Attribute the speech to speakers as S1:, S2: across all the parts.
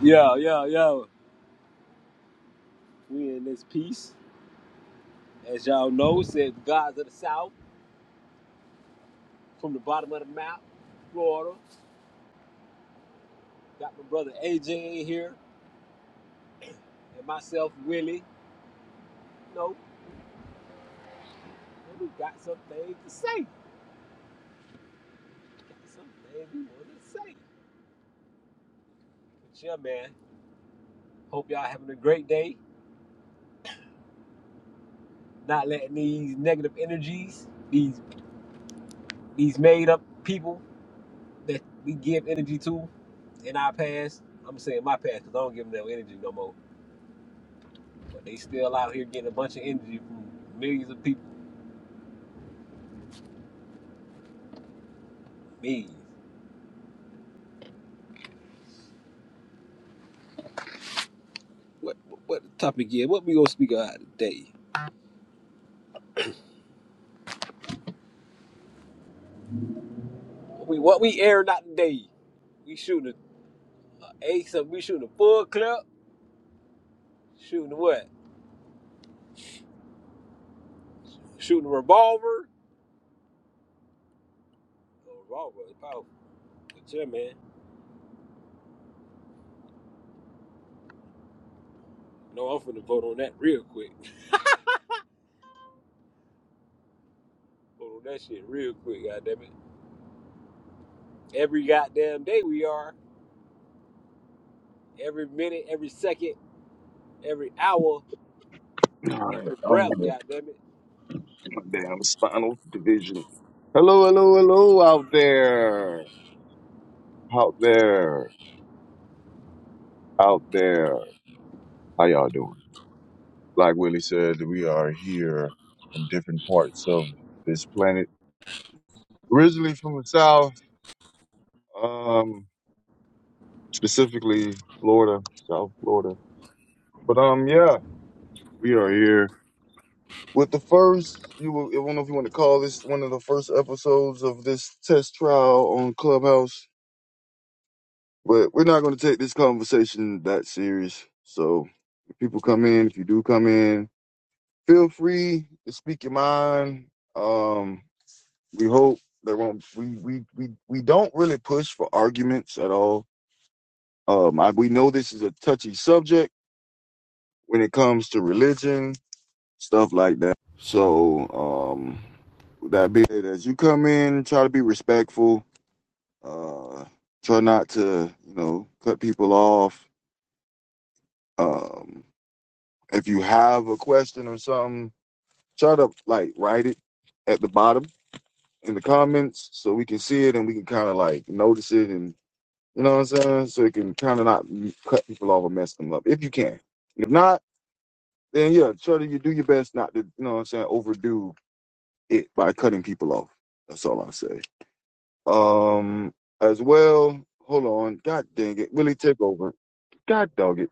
S1: Yo, yo, yo. We in this piece. As y'all know, it says the Gods of the South from the bottom of the map, Florida. Got my brother AJ in here and myself, Willie. You know, and we got some things to say. Got some things we want to say. But yeah, man. Hope y'all having a great day. Not letting these negative energies, these these made up people that we give energy to in our past. I'm saying my past because I don't give them no energy no more. But they still out here getting a bunch of energy from millions of people. Millions. What what the topic is? What we gonna speak about today? What we what we airing out today? We shooting a ace of we shooting a full clip, shooting what? Shooting a revolver. A revolver is powerful. But yeah, man. No, I'm finna vote on that real quick. Vote on that shit real quick, goddamn it. Every goddamn day we are. Every minute, every second, every hour,
S2: All right,
S1: every
S2: I'm
S1: breath,
S2: gonna
S1: goddamn it.
S2: get my damn spinal division. Hello, hello, hello out there, out there, out there. How y'all doing? Like Willie said, we are here from different parts of this planet. Originally from the south, um, specifically Florida, South Florida. But um, yeah, we are here with the first. You will, I don't know if you want to call this one of the first episodes of this test trial on Clubhouse But we're not going to take this conversation that serious. So if people come in, if you do come in, feel free to speak your mind. Um, we hope there won't we we we we don't really push for arguments at all. Um, I, we know this is a touchy subject when it comes to religion stuff like that. So um, with that being said, as you come in, try to be respectful. Uh, try not to you know cut people off. Um, If you have a question or something, try to like write it at the bottom in the comments so we can see it and we can kind of like notice it and you know what I'm saying? So it can kind of not cut people off or mess them up if you can. If not, then yeah, try to you do your best not to, you know what I'm saying, overdo it by cutting people off. That's all I say. Um, as well, hold on. God dang it. Willie, take over. God dog it.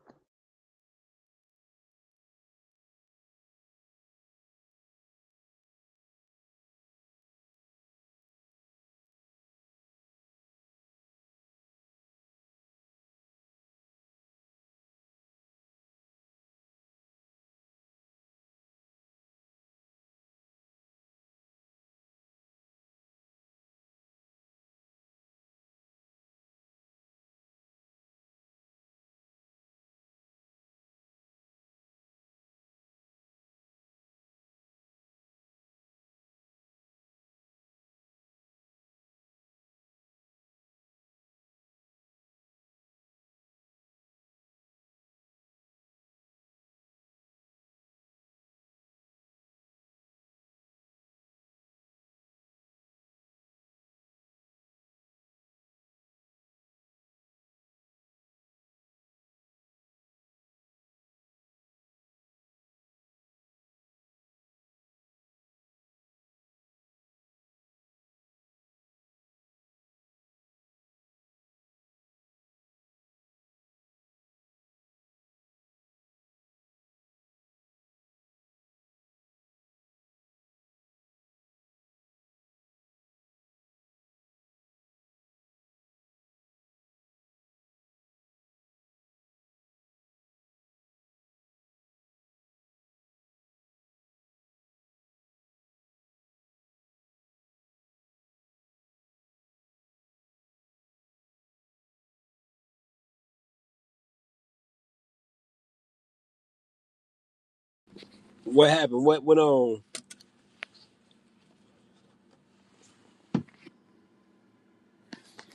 S1: What happened? What went on?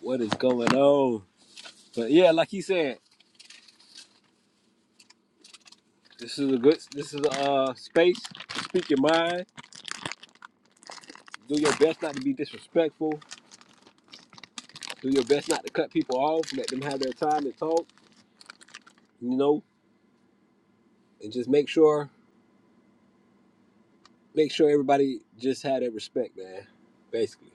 S1: What is going on? But yeah, like he said, this is a good this is a uh, space. Speak your mind. Do your best not to be disrespectful. Do your best not to cut people off. Let them have their time to talk, you know, and just make sure make sure everybody just had that respect, man. Basically.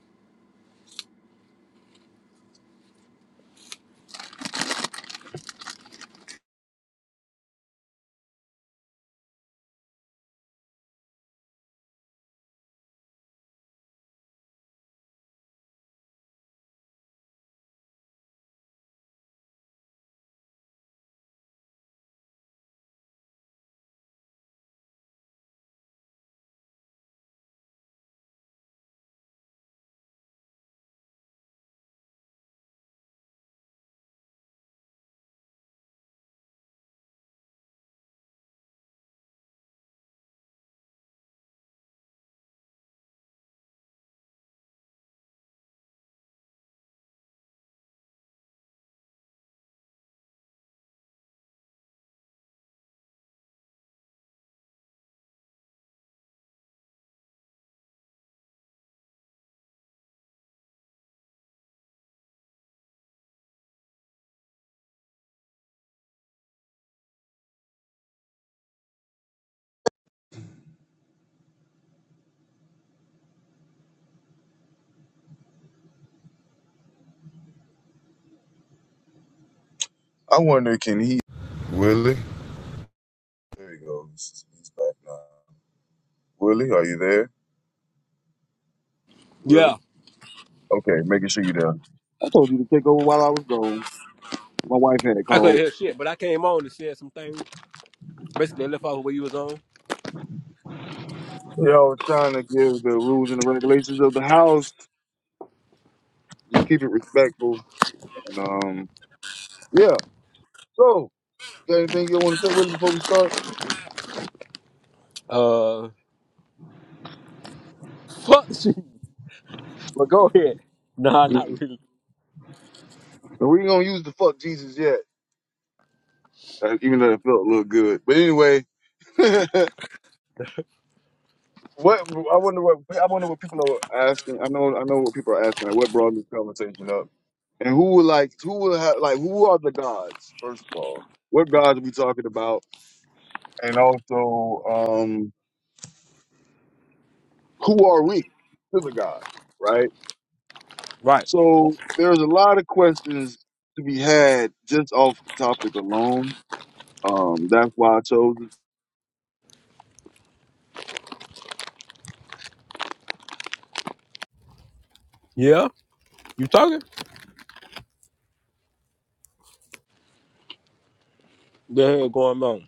S2: I wonder, can he? Willie? There he goes. He's back now. Willie, are you there? Really?
S1: Yeah.
S2: Okay, making sure you're there. I told you to take over while I was gone. My wife had
S1: I couldn't
S2: called.
S1: hear shit, but I came on and said some things. Basically I left off where you was on.
S2: You know, I was trying to give the rules and the regulations of the house. Just keep it respectful. And, um, yeah. So, got anything you want to say with it before we start?
S1: Uh fuck the shit. But go ahead. Nah, not
S2: Mm-mm.
S1: really.
S2: And We ain't gonna use the fuck Jesus yet, uh, even though it felt a little good. But anyway, what I wonder what I wonder what people are asking. I know I know what people are asking. Like, what brought this conversation up? And who would like who would have like who are the gods? First of all, what gods are we talking about? And also, um, who are we to the God? Right.
S1: Right.
S2: So there's a lot of questions to be had just off the topic alone. Um, that's why I chose it.
S1: Yeah? You talking? The hell going on?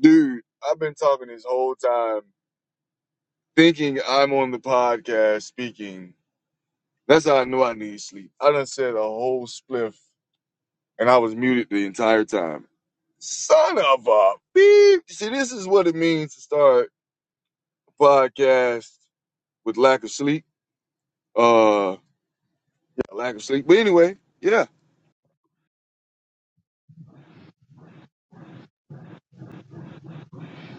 S2: Dude, I've been talking this whole time, thinking I'm on the podcast speaking. That's how I know I need sleep. I done said a whole spliff and I was muted the entire time. Son of a beep. See, this is what it means to start a podcast with lack of sleep. Uh, yeah, lack of sleep. But anyway, yeah.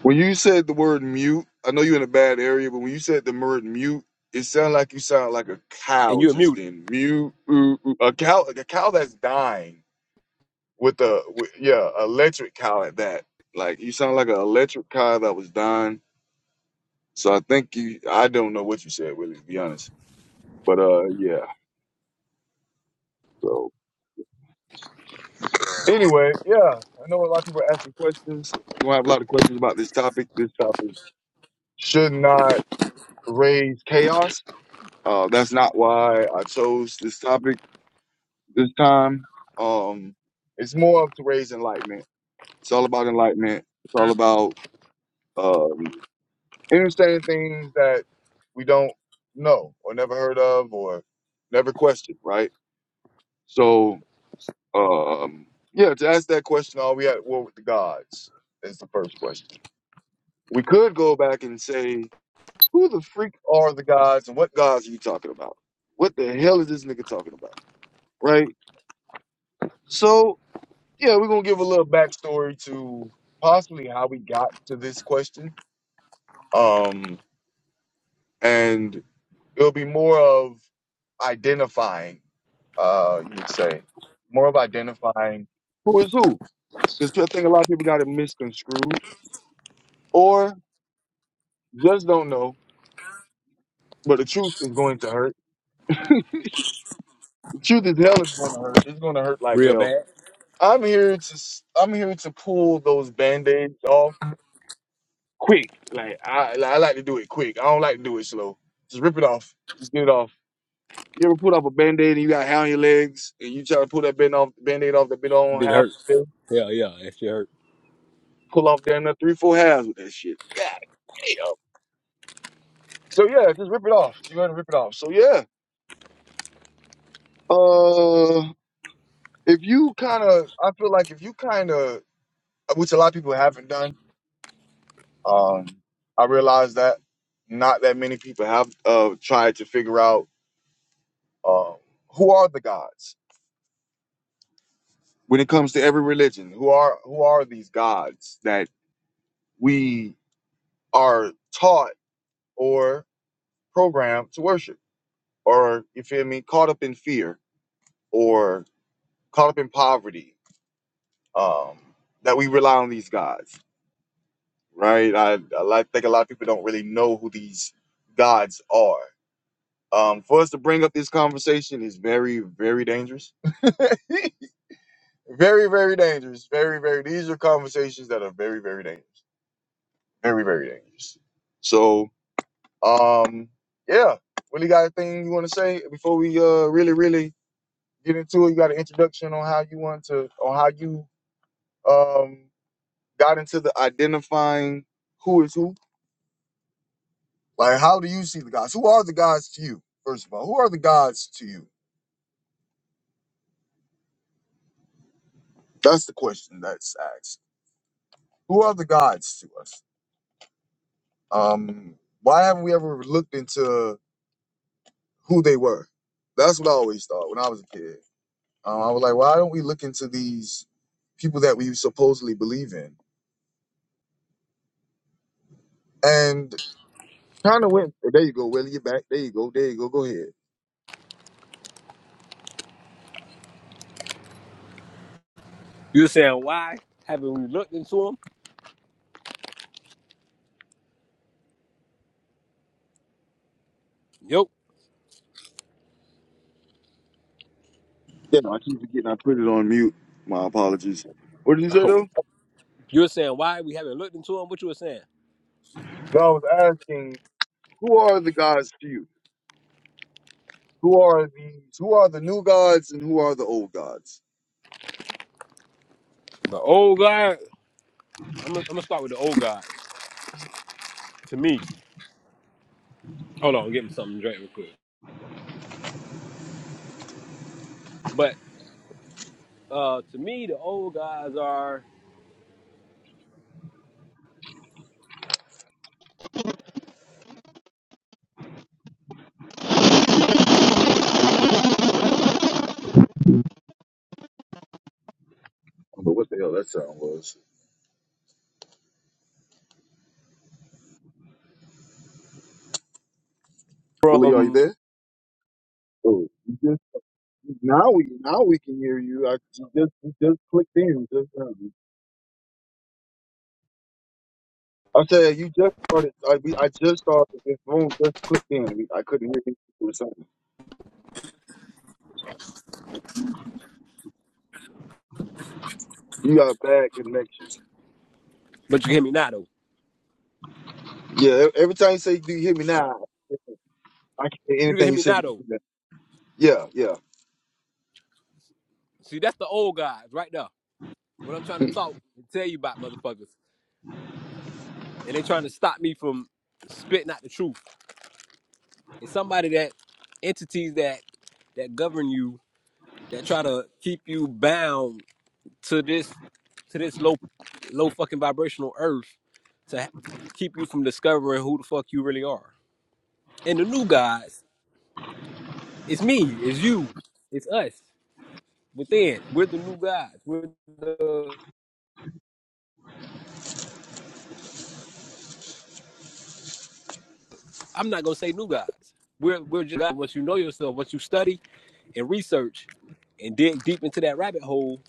S2: When you said the word mute, I know you're in a bad area, but when you said the word mute, it sounded like you sound like a
S1: And
S2: cow
S1: you're
S2: just
S1: muted.
S2: then. Mute, ooh, ooh. a cow, like a cow that's dying with a with, yeah, electric cow at that. Like you sound like an electric cow that was dying. So I think you, I don't know what you said, really, to be honest. But uh, yeah. So anyway, yeah, I know a lot of people are asking questions. We'll have a lot of questions about this topic. This topic should not raise chaos. Uh, that's not why I chose this topic this time. Um, it's more of to raise enlightenment. It's all about enlightenment. It's all about um, understanding things that we don't know or never heard of or never questioned, right? So Um, yeah, to ask that question, are we at war with the gods? Is the first question. We could go back and say, who the freak are the gods and what gods are you talking about? What the hell is this nigga talking about? Right? So, yeah, we're going to give a little backstory to possibly how we got to this question. Um, and it'll be more of identifying, uh, you would say, more of identifying who is who. Because I think a lot of people got it misconstrued or just don't know, but the truth is going to hurt. The truth is hell is going to hurt. It's going to hurt like
S1: Real
S2: hell.
S1: bad.
S2: I'm here to s- I'm here to pull those band-aids off quick. Like I I like to do it quick. I don't like to do it slow. Just rip it off. Just get it off. You ever put up a band-aid and you got hair on your legs and you try to pull that band off band-aid off that been on
S1: Bitch
S2: half of
S1: hurt.
S2: it?
S1: Hell yeah, that shit hurt.
S2: Pull off damn near three, four halves with that shit. God damn. So yeah, just rip it off. Just go ahead and rip it off. So yeah. Uh, if you kind of, I feel like if you kind of, which a lot of people haven't done, um, I realize that not that many people have uh, tried to figure out uh, who are the gods when it comes to every religion. Who are who are these gods that we are taught or programmed to worship, or you feel me, caught up in fear or caught up in poverty, um, that we rely on these gods right? I, I like- think a lot of people don't really know who these gods are. Um, for us to bring up this conversation is very, very dangerous. very, very dangerous. Very, very. These are conversations that are very, very dangerous. Very, very dangerous. So, um, yeah. Really got a thing you want to say before we uh really, really get into it? You got an introduction on how you want to, on how you um got into the identifying who is who. Like, how do you see the gods? Who are the gods to you? First of all, who are the gods to you? That's the question that's asked. Who are the gods to us? Um, why haven't we ever looked into who they were? That's what I always thought when I was a kid. Um, I was like, why don't we look into these people that we supposedly believe in? And kind of went. There you go, Willie. You're back. There you go. There you go. Go ahead.
S1: You were saying why haven't we looked into him? Yep.
S2: Yeah, I keep forgetting I put it on mute. My apologies. What did you say
S1: Oh.
S2: though?
S1: You were saying why we haven't looked into him? What you were saying?
S2: So I was asking, who are the gods to you? Who are these? Who are the new gods and who are the old gods?
S1: The old guy. I'm gonna, I'm gonna start with the old guy. To me, hold on, get me something to drink real quick. But uh, to me, the old guys are
S2: I don't know what the hell that sound was. Willie, are you
S1: from.
S2: there? Oh, you just now we now we can hear you. I you just you just clicked in just now. I said you just started. I we, I just started this room. Just clicked in. We- I couldn't hear you or something. You got a bad connection.
S1: But you can hear me now though.
S2: Yeah. e- Every time you say, "Do you hear me
S1: Oh,
S2: now?" I can't hear
S1: You can
S2: anything
S1: hear
S2: you
S1: me
S2: say.
S1: now
S2: but you
S1: though.
S2: hear me. Yeah. Yeah.
S1: See, that's the old guys right there. What I'm trying to talk and tell you about, motherfuckers, and they trying to stop me from spitting out the truth. It's somebody that entities that that govern you that try to keep you bound to this to this low low fucking vibrational earth to keep you from discovering who the fuck you really are. And the new gods, it's me, it's you, it's us. Within, we're the new gods. We're the I'm not gonna say new gods. We're we're just gods. once you know yourself, once you study and research and dig deep into that rabbit hole,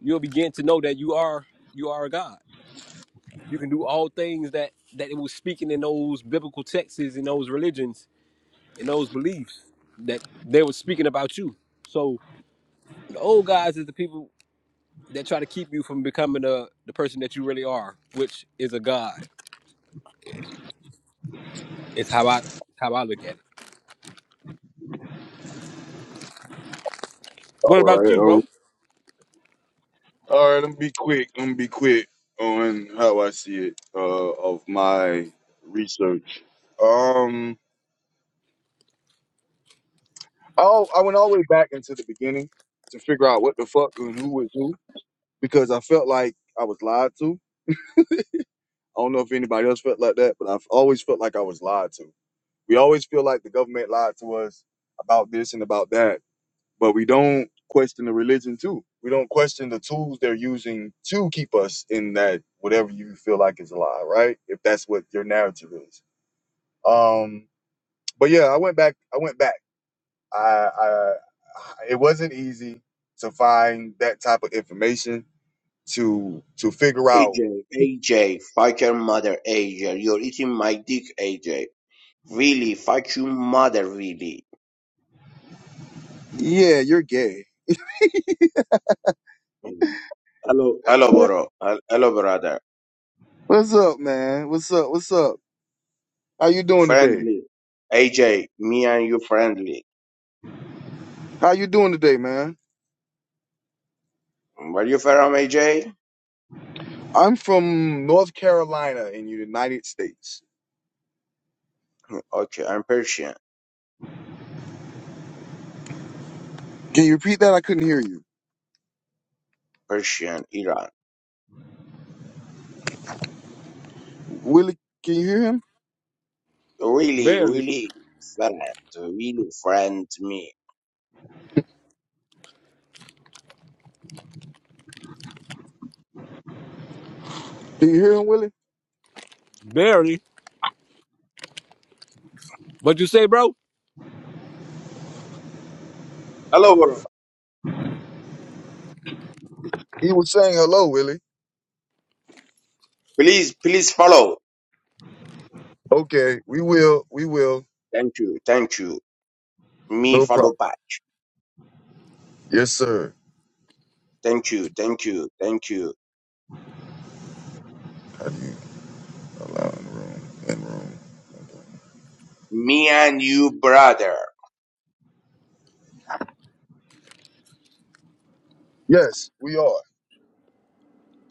S1: you'll begin to know that you are you are a god You can do all things that that it was speaking in those biblical texts in those religions in those beliefs that they were speaking about you. So the old guys is the people that try to keep you from becoming the the person that you really are, which is a god. It's how I how I look at it. What
S2: All
S1: about you,
S2: right.
S1: bro?
S2: All right, I'm gonna be quick. I'm gonna be quick on how I see it uh, of my research. Um, oh, I went all the way back into the beginning to figure out what the fuck and who was who because I felt like I was lied to. I don't know if anybody else felt like that, but I've always felt like I was lied to. We always feel like the government lied to us about this and about that, but we don't question the religion too. We don't question the tools they're using to keep us in that whatever you feel like is a lie, right? If that's what your narrative is. Um, but yeah, I went back. I went back. I, I it wasn't easy to find that type of information to to figure out.
S3: AJ, AJ, fuck your mother, AJ. You're eating my dick, AJ. Really, fuck your mother, really.
S2: Yeah, you're gay.
S3: Hello, hello, bro. Hel- Hello, brother.
S2: What's up, man? What's up? What's up? How you doing today?
S3: Friendly. AJ, me and you friendly.
S2: How you doing today, man?
S3: Where you from, AJ?
S2: I'm from North Carolina in the United States.
S3: Okay, I'm Persian.
S2: Can you repeat that? I couldn't hear you.
S3: Persian, Iran.
S2: Willie, can you hear him?
S3: Really,
S1: Barely,
S3: really friend. Really friend me.
S2: Do you hear him, Willie?
S1: barely. What you say, bro?
S3: Hello, bro.
S2: He was saying hello, Willie.
S3: Please, please follow.
S2: Okay, we will. We will.
S3: Thank you, thank you. Me
S2: No problem.
S3: follow back.
S2: Yes, sir.
S3: Thank you, thank you, thank you.
S2: How do you allow in the room? In room.
S3: Me and you, brother.
S2: Yes, we are.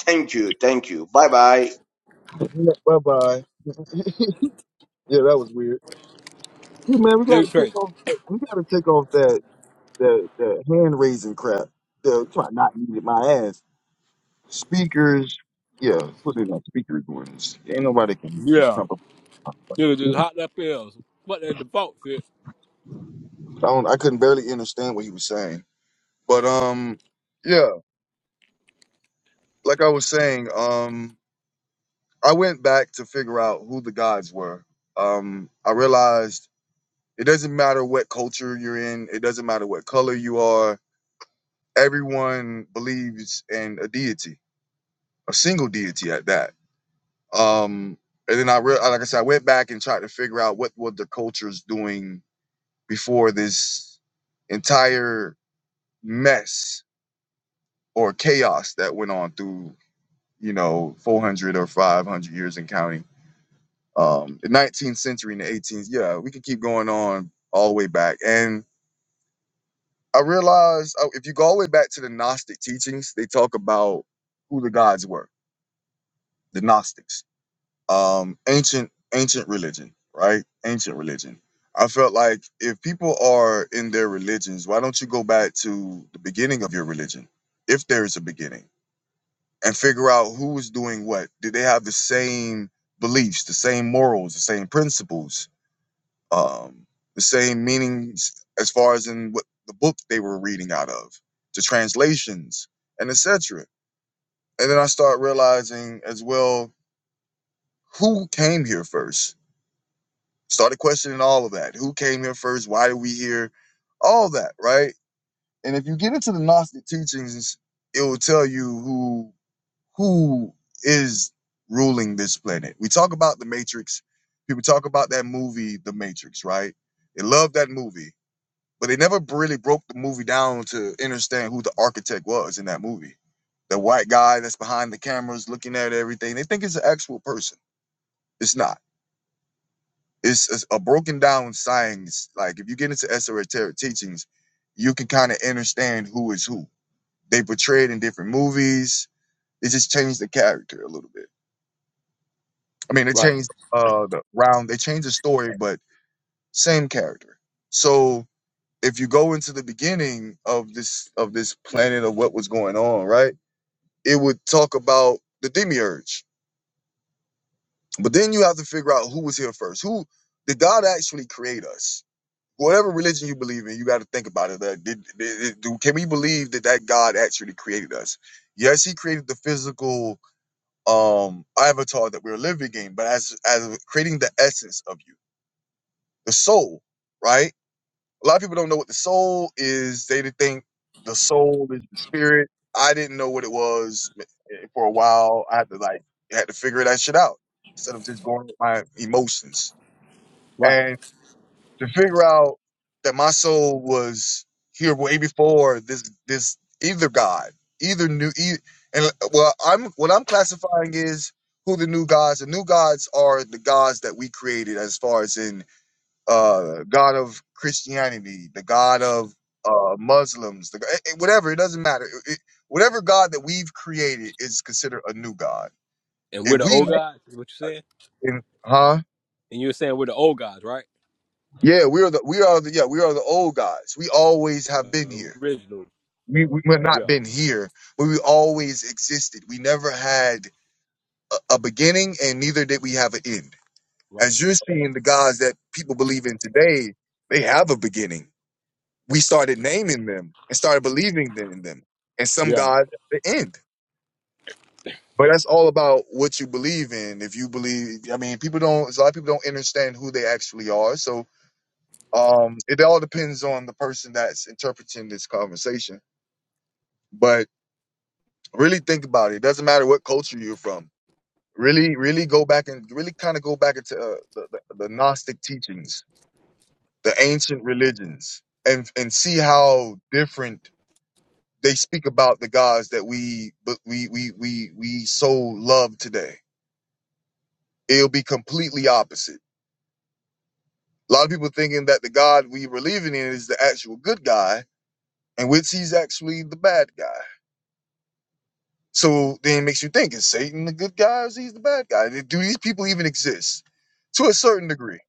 S3: Thank you, thank you. Bye bye.
S2: Bye bye. Yeah, that was weird. Hey man, we gotta
S1: Nigga
S2: take
S1: crazy.
S2: off. We gotta take off that that, that hand raising crap. The try not needed my ass. Speakers. Yeah, put it on speaker ones. Ain't nobody can just
S1: Yeah,
S2: come up. I
S1: you just hot up pills. What the default fit?
S2: don't. I couldn't barely understand what he was saying. But um, yeah, like I was saying, um, I went back to figure out who the gods were. Um, I realized it doesn't matter what culture you're in, it doesn't matter what color you are. Everyone believes in a deity, a single deity at that. Um, and then I, re- like I said, I went back and tried to figure out what were the cultures doing before this entire mess or chaos that went on through. you know, 400 or 500 years in counting. Um, the 19th century and the 18th, yeah, we can keep going on all the way back. And I realized uh, if you go all the way back to the Gnostic teachings, they talk about who the gods were, the Gnostics, um, ancient ancient religion, right? Ancient religion. I felt like if people are in their religions, why don't you go back to the beginning of your religion, if there is a beginning? and figure out who's doing what. Do they have the same beliefs, the same morals, the same principles, um, the same meanings as far as in what the book they were reading out of, the translations, and etc. And then I start realizing as well who came here first. Started questioning all of that. Who came here first? Why did we here? All that, right? And if you get into the Gnostic teachings, it will tell you who who is ruling this planet. We talk about the Matrix. People talk about that movie, The Matrix, right? They love that movie, but they never really broke the movie down to understand who the architect was in that movie. The white guy that's behind the cameras looking at everything. They think it's an actual person. It's not. It's, it's a broken down science. Like if you get into esoteric teachings, you can kind of understand who is who. They portray it in different movies. They just change the character a little bit I mean, they
S1: Right,
S2: changed uh the round. They changed the story, but same character. So if you go into the beginning of this of this planet of what was going on, right? It would talk about the demiurge, but then you have to figure out who was here first. Who did God actually create us? Whatever religion you believe in, you got to think about it. That did, did, did- do- can we believe that that God actually created us? Yes, He created the physical um avatar that we're living in, but as as creating the essence of you. the soul, right? A lot of people don't know what the soul is. They think the soul is the spirit. I didn't know what it was eh, eh, for a while. I had to like had to figure that shit out instead of just going with my emotions
S1: right.
S2: and to figure out that my soul was here way before this this either God, either new e and uh, well I'm what I'm classifying is who the new gods. The new gods are the gods that we created as far as in uh, God of Christianity, the God of uh, Muslims, the, eh, eh, whatever. It doesn't matter. It- it- whatever God that we've created is considered a new God.
S1: And we're
S2: If
S1: the
S2: we,
S1: old guys. Is what you saying?
S2: name- huh?
S1: And you're saying we're the old guys, right?
S2: Yeah, we are the we are the yeah we are the old gods. We always have been
S1: the
S2: here.
S1: original.
S2: We we have not
S1: Yeah,
S2: been here, but we always existed. We never had a, a beginning, and neither did we have an end.
S1: right.
S2: As you're seeing, the gods that people believe in today, they have a beginning we started naming them and started believing in them. And some
S1: Yeah,
S2: gods at the end. But that's all about what you believe in. If you believe, I mean, people don't, a lot of people don't understand who they actually are. So um, it all depends on the person that's interpreting this conversation. But really think about it. It doesn't matter what culture you're from. Really, really go back and really kind of go back into uh, the, the, the Gnostic teachings, the ancient religions, and, and see how different they speak about the gods that we but we we we we so love today. It'll be completely opposite. A lot of people thinking that the God we believing in is the actual good guy, and which he's actually the bad guy. So then it makes you think: Is Satan the good guy, or is he the bad guy? Do these people even exist? To a certain degree,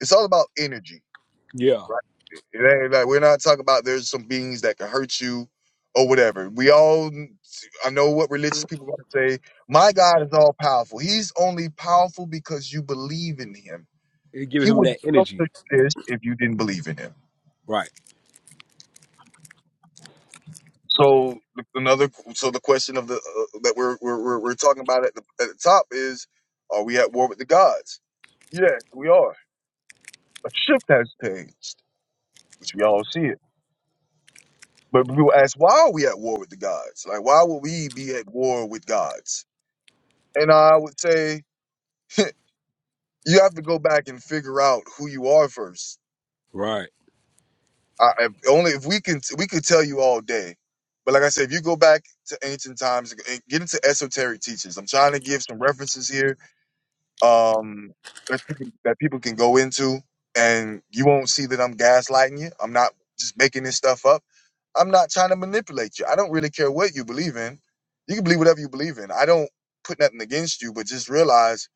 S2: it's all about energy
S1: yeah.
S2: Right. It ain't like we're not talking about there's some beings that can hurt you or whatever. We all I know what religious people gonna say. My God is all powerful. He's only powerful because you believe in him.
S1: It give
S2: He
S1: him
S2: would
S1: that
S2: not
S1: energy.
S2: exist if you didn't believe in him.
S1: Right,
S2: So another so the question of the uh, that we're, we're we're we're talking about at the at the top is are we at war with the gods? Yeah, we are. A ship has changed, which we all see it. But people ask, why are we at war with the gods? Like, why would we be at war with gods? And I would say, you have to go back and figure out who you are first.
S1: right.
S2: I, I- only if we can, we could tell you all day. But like I said, if you go back to ancient times and get into esoteric teachings, I'm trying to give some references here um, that, you can, that people can go into, and you won't see that I'm gaslighting you. I'm not just making this stuff up I'm not trying to manipulate you. I don't really care what you believe in. You can believe whatever you believe in. I don't put nothing against you, but just realize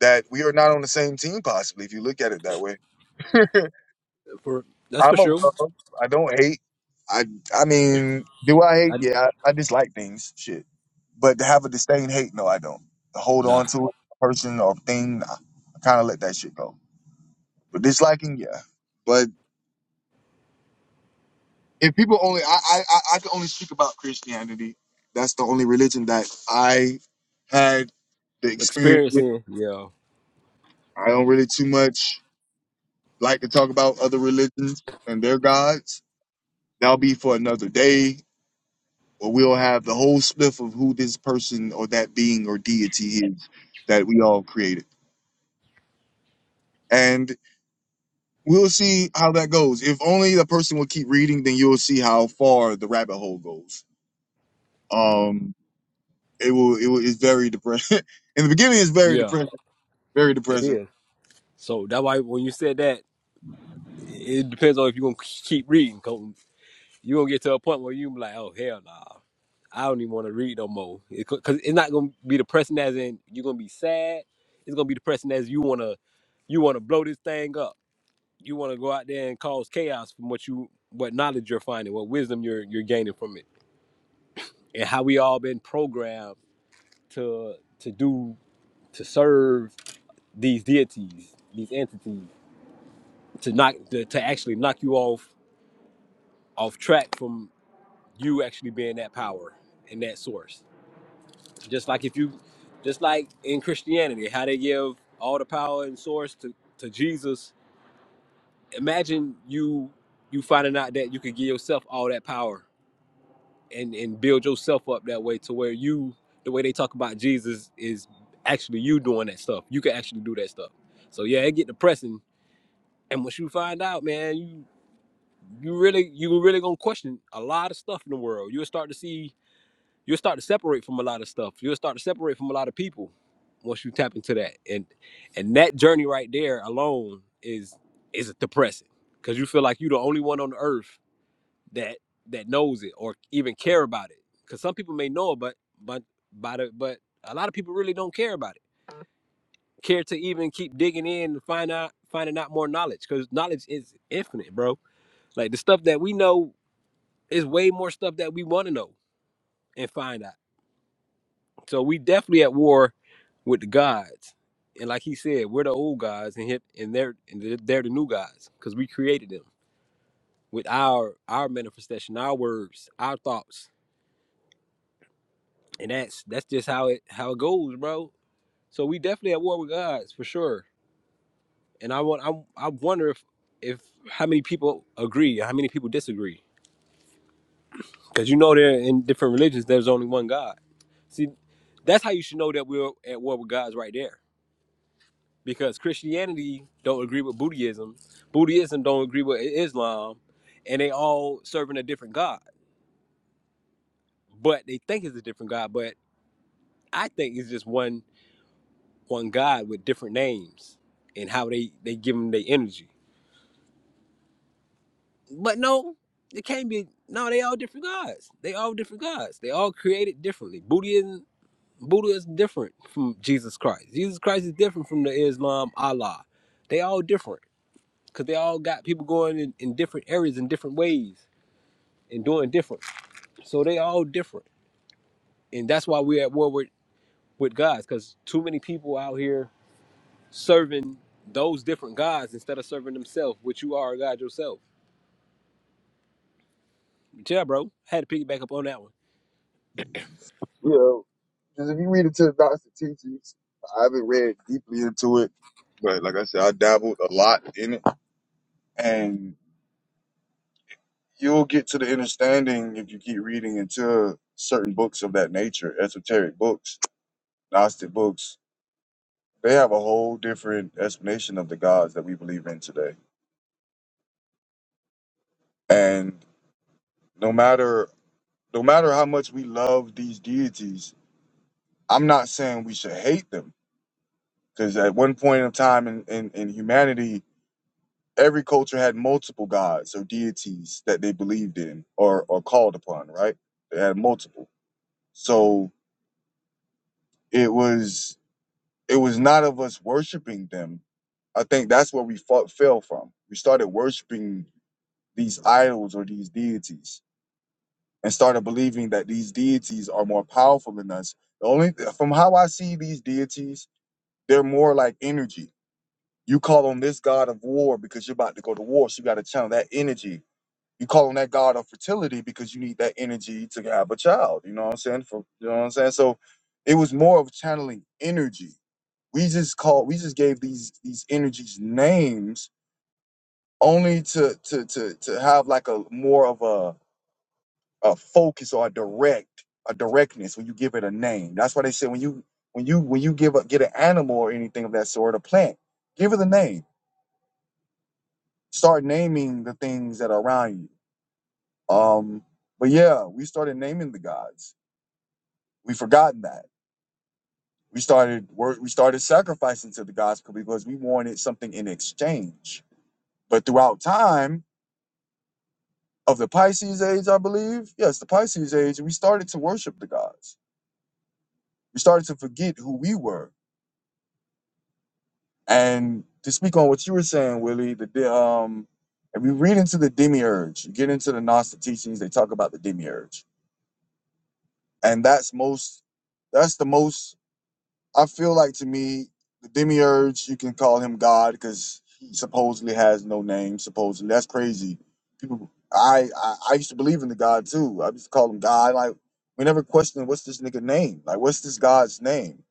S2: that we are not on the same team. Possibly, if you look at it that way.
S1: For that's for
S2: I'm
S1: sure.
S2: above. I don't hate. I I mean, do I hate?
S1: I
S2: Yeah, I, I dislike things. Shit, but to have a disdain, hate, no, I don't. To hold
S1: nah
S2: on to a person or thing, nah, I kind of let that shit go. But disliking, yeah. but. if people only I, I I I can only speak about Christianity. That's the only religion that I had the experience with.
S1: experiencing. Yeah,
S2: I don't really too much like to talk about other religions and their gods. That'll be for another day, or we'll have the whole spliff of who this person or that being or deity is that we all created. And we'll see how that goes. If only the person will keep reading, then you'll see how far the rabbit hole goes. Um It will. It will. It's very depressing. In the beginning, it's very
S1: yeah.
S2: depressing. Very
S1: It
S2: depressing.
S1: is. So that's why when you said that, it it depends on if you gonna keep reading. Cause you gonna get to a point where you be like, oh hell nah. I don't even want to read no more. It, Cause it's not gonna be depressing as in you're gonna be sad. It's gonna be depressing as you wanna you wanna blow this thing up. you want to go out there and cause chaos from what you what knowledge you're finding what wisdom you're you're gaining from it and how we all been programmed to to do to serve these deities these entities to knock to, to actually knock you off off track from you actually being that power and that source just like if you just like in christianity how they give all the power and source to to jesus imagine you you finding out that you could give yourself all that power and and build yourself up that way to where you the way they talk about Jesus is actually you doing that stuff. You can actually do that stuff. So yeah, it get depressing. And once you find out, man, you you really you really gonna question a lot of stuff in the world. You'll start to see you'll start to separate from a lot of stuff. You'll start to separate from a lot of people once you tap into that. And and that journey right there alone is is depressing. Cause you feel like you're the only one on the earth that that knows it or even care about it. Because some people may know it, but but by the but a lot of people really don't care about it. Care to even keep digging in and find out finding out more knowledge because knowledge is infinite, bro. Like the stuff that we know is way more stuff that we want to know and find out. So we definitely at war with the gods. And like he said, we're the old gods, and hip, and they're and they're they're the new gods because we created them with our our manifestation, our words, our thoughts and that's that's just how it how it goes, bro. So we definitely at war with gods for sure. And I want I I wonder if if how many people agree, or how many people disagree, because you know there in different religions there's only one God. See, that's how you should know that we're at war with gods right there, because Christianity don't agree with Buddhism, Buddhism don't agree with Islam, and they all serving a different God, but they think it's a different God, but I think it's just one on God with different names and how they they give them their energy. But no, it can't be. No, they all different gods. They all different gods. They all created differently. Buddhism, Buddha is different from Jesus Christ. Jesus Christ is different from the Islam Allah. They all different because they all got people going in, in different areas in different ways and doing different. So they all different, and that's why we're at war with with God because too many people out here serving those different gods instead of serving themselves, which you are a god yourself. But yeah, bro. Had to piggyback up on that one.
S2: You know, because if you read into the Gnostic teachings, I haven't read deeply into it, but like I said, I dabbled a lot in it, and you'll get to the understanding if you keep reading into certain books of that nature, esoteric books, Gnostic books. They have a whole different explanation of the gods that we believe in today, and no matter no matter how much we love these deities, I'm not saying we should hate them Because at one point in time in, in, in humanity, every culture had multiple gods or deities that they believed in or, or called upon, right? They had multiple. So it was it was not of us worshiping them. I think that's where we fought, fell from. We started worshiping these idols or these deities and started believing that these deities are more powerful than us. The only from how I see these deities, they're more like energy You call on this God of war because you're about to go to war, so you got to channel that energy. You call on that God of fertility because you need that energy to have a child. You know what I'm saying? For you know what I'm saying. So it was more of channeling energy. We just called. We just gave these these energies names only to to to to have like a more of a a focus or a direct a directness when you give it a name. That's why they say when you when you when you give a get an animal or anything of that sort, a plant, give it a name start naming the things that are around you. Um, but yeah, we started naming the gods. We forgotten that. We started wor- we started sacrificing to the gods because we wanted something in exchange. But throughout time of the Pisces age, I believe, yes, the Pisces age, we started to worship the gods. We started to forget who we were. And to speak on what you were saying, Willie, the de- um, if we read into the demiurge, you get into the Gnostic teachings, they talk about the demiurge and that's most that's the most i feel like to me the demiurge you can call him god because he supposedly has no name supposedly that's crazy people I, I i used to believe in the god too i used to call him god like we never questioned what's this nigga name like what's this god's name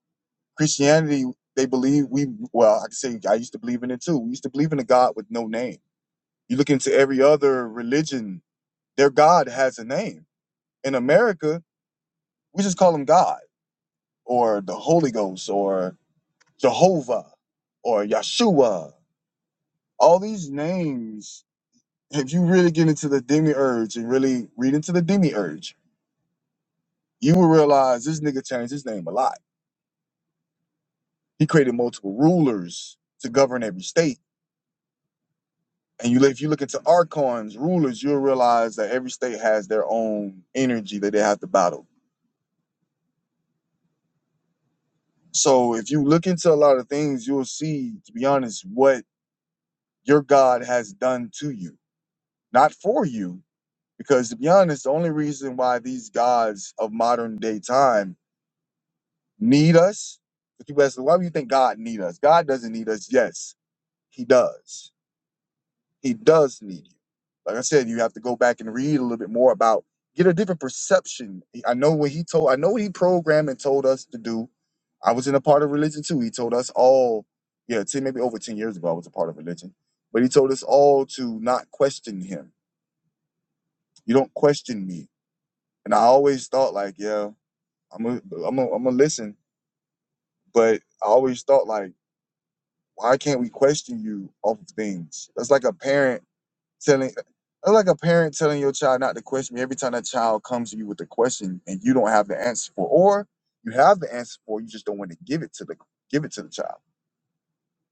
S2: christianity they believe we well i can say i used to believe in it too we used to believe in a god with no name you look into every other religion their god has a name in america we just call him god or the Holy Ghost or Jehovah or Yeshua. All these names, if you really get into the demiurge and really read into the demiurge, you will realize this nigga changed his name a lot. He created multiple rulers to govern every state. And you, if you look into archons, rulers, you'll realize that every state has their own energy that they have to battle. So if you look into a lot of things, you'll see, to be honest, what your God has done to you, not for you, Because to be honest, the only reason why these gods of modern day time need us, because people ask, why do you think God need us? God doesn't need us. Yes, he does. He does need you. Like I said, you have to go back and read a little bit more about, get a different perception. I know what he told, I know what he programmed and told us to do. I was in a part of religion too. He told us all, yeah, 10, maybe over 10 years ago, I was a part of religion. But he told us all to not question him. You don't question me. And I always thought like, yeah, I'm a, I'm a, I'm gonna listen. But I always thought like, why can't we question you off of things? That's like a parent telling, that's like a parent telling your child not to question me every time that child comes to you with a question and you don't have the answer for, or you have the answer for, you just don't want to give it to the give it to the child.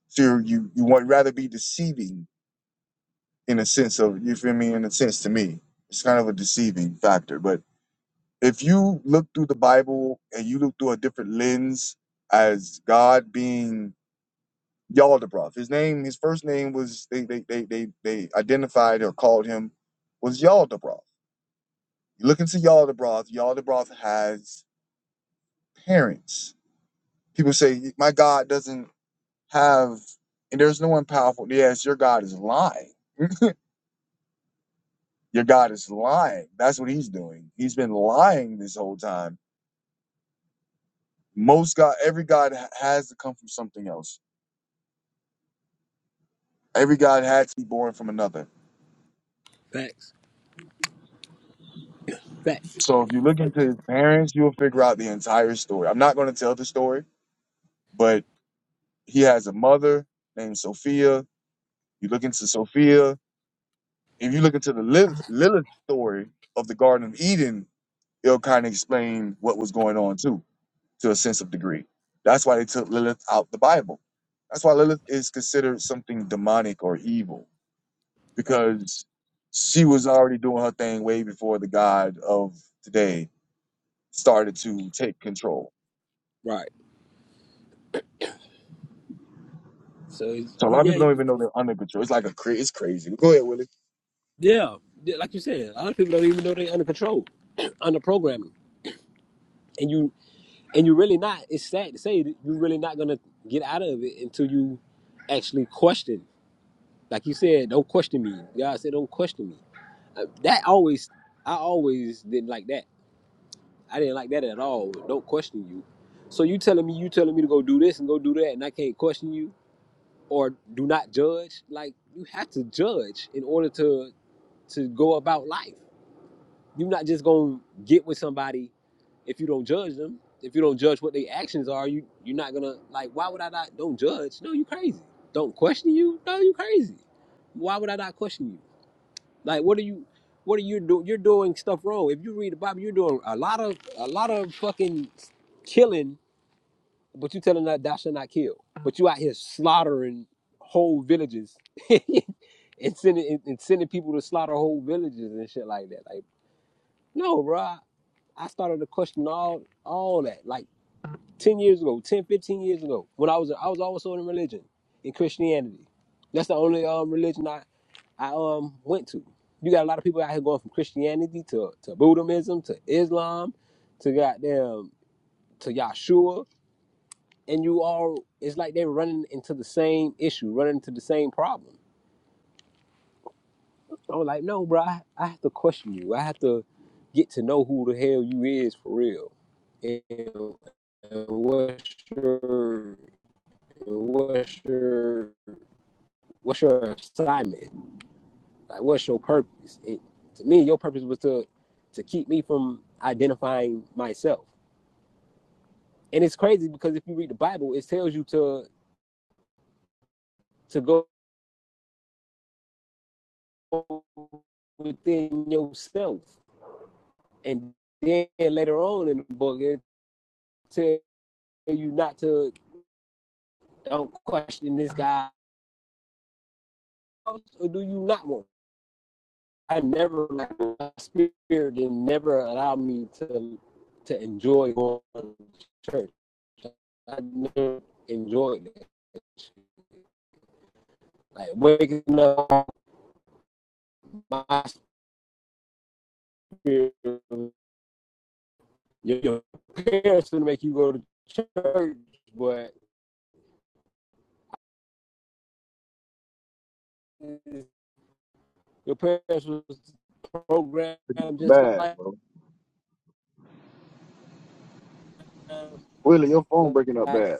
S2: So you're- you you want rather be deceiving in a sense of you feel me in a sense to me. It's kind of a deceiving factor, but if you look through the Bible and you look through a different lens as God being Yaldabaoth. His name, his first name was they they they they, they identified or called him was Yaldabaoth. You look into Yaldabaoth. Yaldabaoth has parents. People say my God doesn't have, and there's no one powerful. Yes, your God is lying. Your God is lying. That's what he's doing. He's been lying this whole time. Most God, every God ha- has to come from something else. Every God had to be born from another.
S1: Facts. Facts.
S2: So if you look into his parents, you'll figure out the entire story. I'm not going to tell the story but he has a mother named Sophia. You look into Sophia. If you look into the Lilith, Lilith story of the Garden of Eden, it'll kind of explain what was going on too, to a sense of degree. That's why they took Lilith out the Bible. That's why Lilith is considered something demonic or evil because she was already doing her thing way before the God of today started to take control.
S1: Right. So it's-
S2: So a lot of
S1: yeah,
S2: people don't even know they're under control. It's like a cra- it's crazy. Go ahead, Willie.
S1: yeah. Yeah, Like you said, a lot of people don't even know they're under control, under programming. And you and you really not, it's sad to say that you're really not gonna get out of it until you actually question. Like you said, don't question me. God said don't question me. Uh, That always I always didn't like that I didn't like that at all. Don't question you. So you telling me you telling me to go do this and go do that, and I can't question you or do not judge. Like you have to judge in order to to go about life. You're not just gonna get with somebody if you don't judge them. If you don't judge what their actions are, you you're not gonna like. Why would I not? Don't judge. No, you crazy. Don't question you. No, you crazy. Why would I not question you? Like, what are you, what are you doing? You're doing stuff wrong. If you read the Bible, you're doing a lot of, a lot of fucking killing, but you telling that thou shalt not kill. But you out here slaughtering whole villages and sending and, and sending people to slaughter whole villages and shit like that. Like, no, bro. I, I started to question all all that. Like. 10 years ago, 10, 15 years ago, when I was I was also in religion, in Christianity. That's the only um, religion I, I um went to. You got a lot of people out here going from Christianity to, to Buddhism to Islam to goddamn to Yahshua. And you all, it's like they're running into the same issue, running into the same problem. I was like, no, bro, I, I have to question you. I have to get to know who the hell you is for real. And, and what's your what's your what's your assignment? Like what's your purpose? It, to me, your purpose was to to keep me from identifying myself. And it's crazy because if you read the Bible, it tells you to to go within yourself. And then later on in the book, it tells you not to don't question this guy. Or do you not want I never like, my spirit didn't never allow me to to enjoy going to church. I never enjoyed it. Like waking up, my spirit. Your, your parents would make you go to church, but your parents was programmed just
S2: Bad,
S1: like
S2: bro.
S1: um,
S2: Willie, your phone breaking up
S1: like
S2: bad.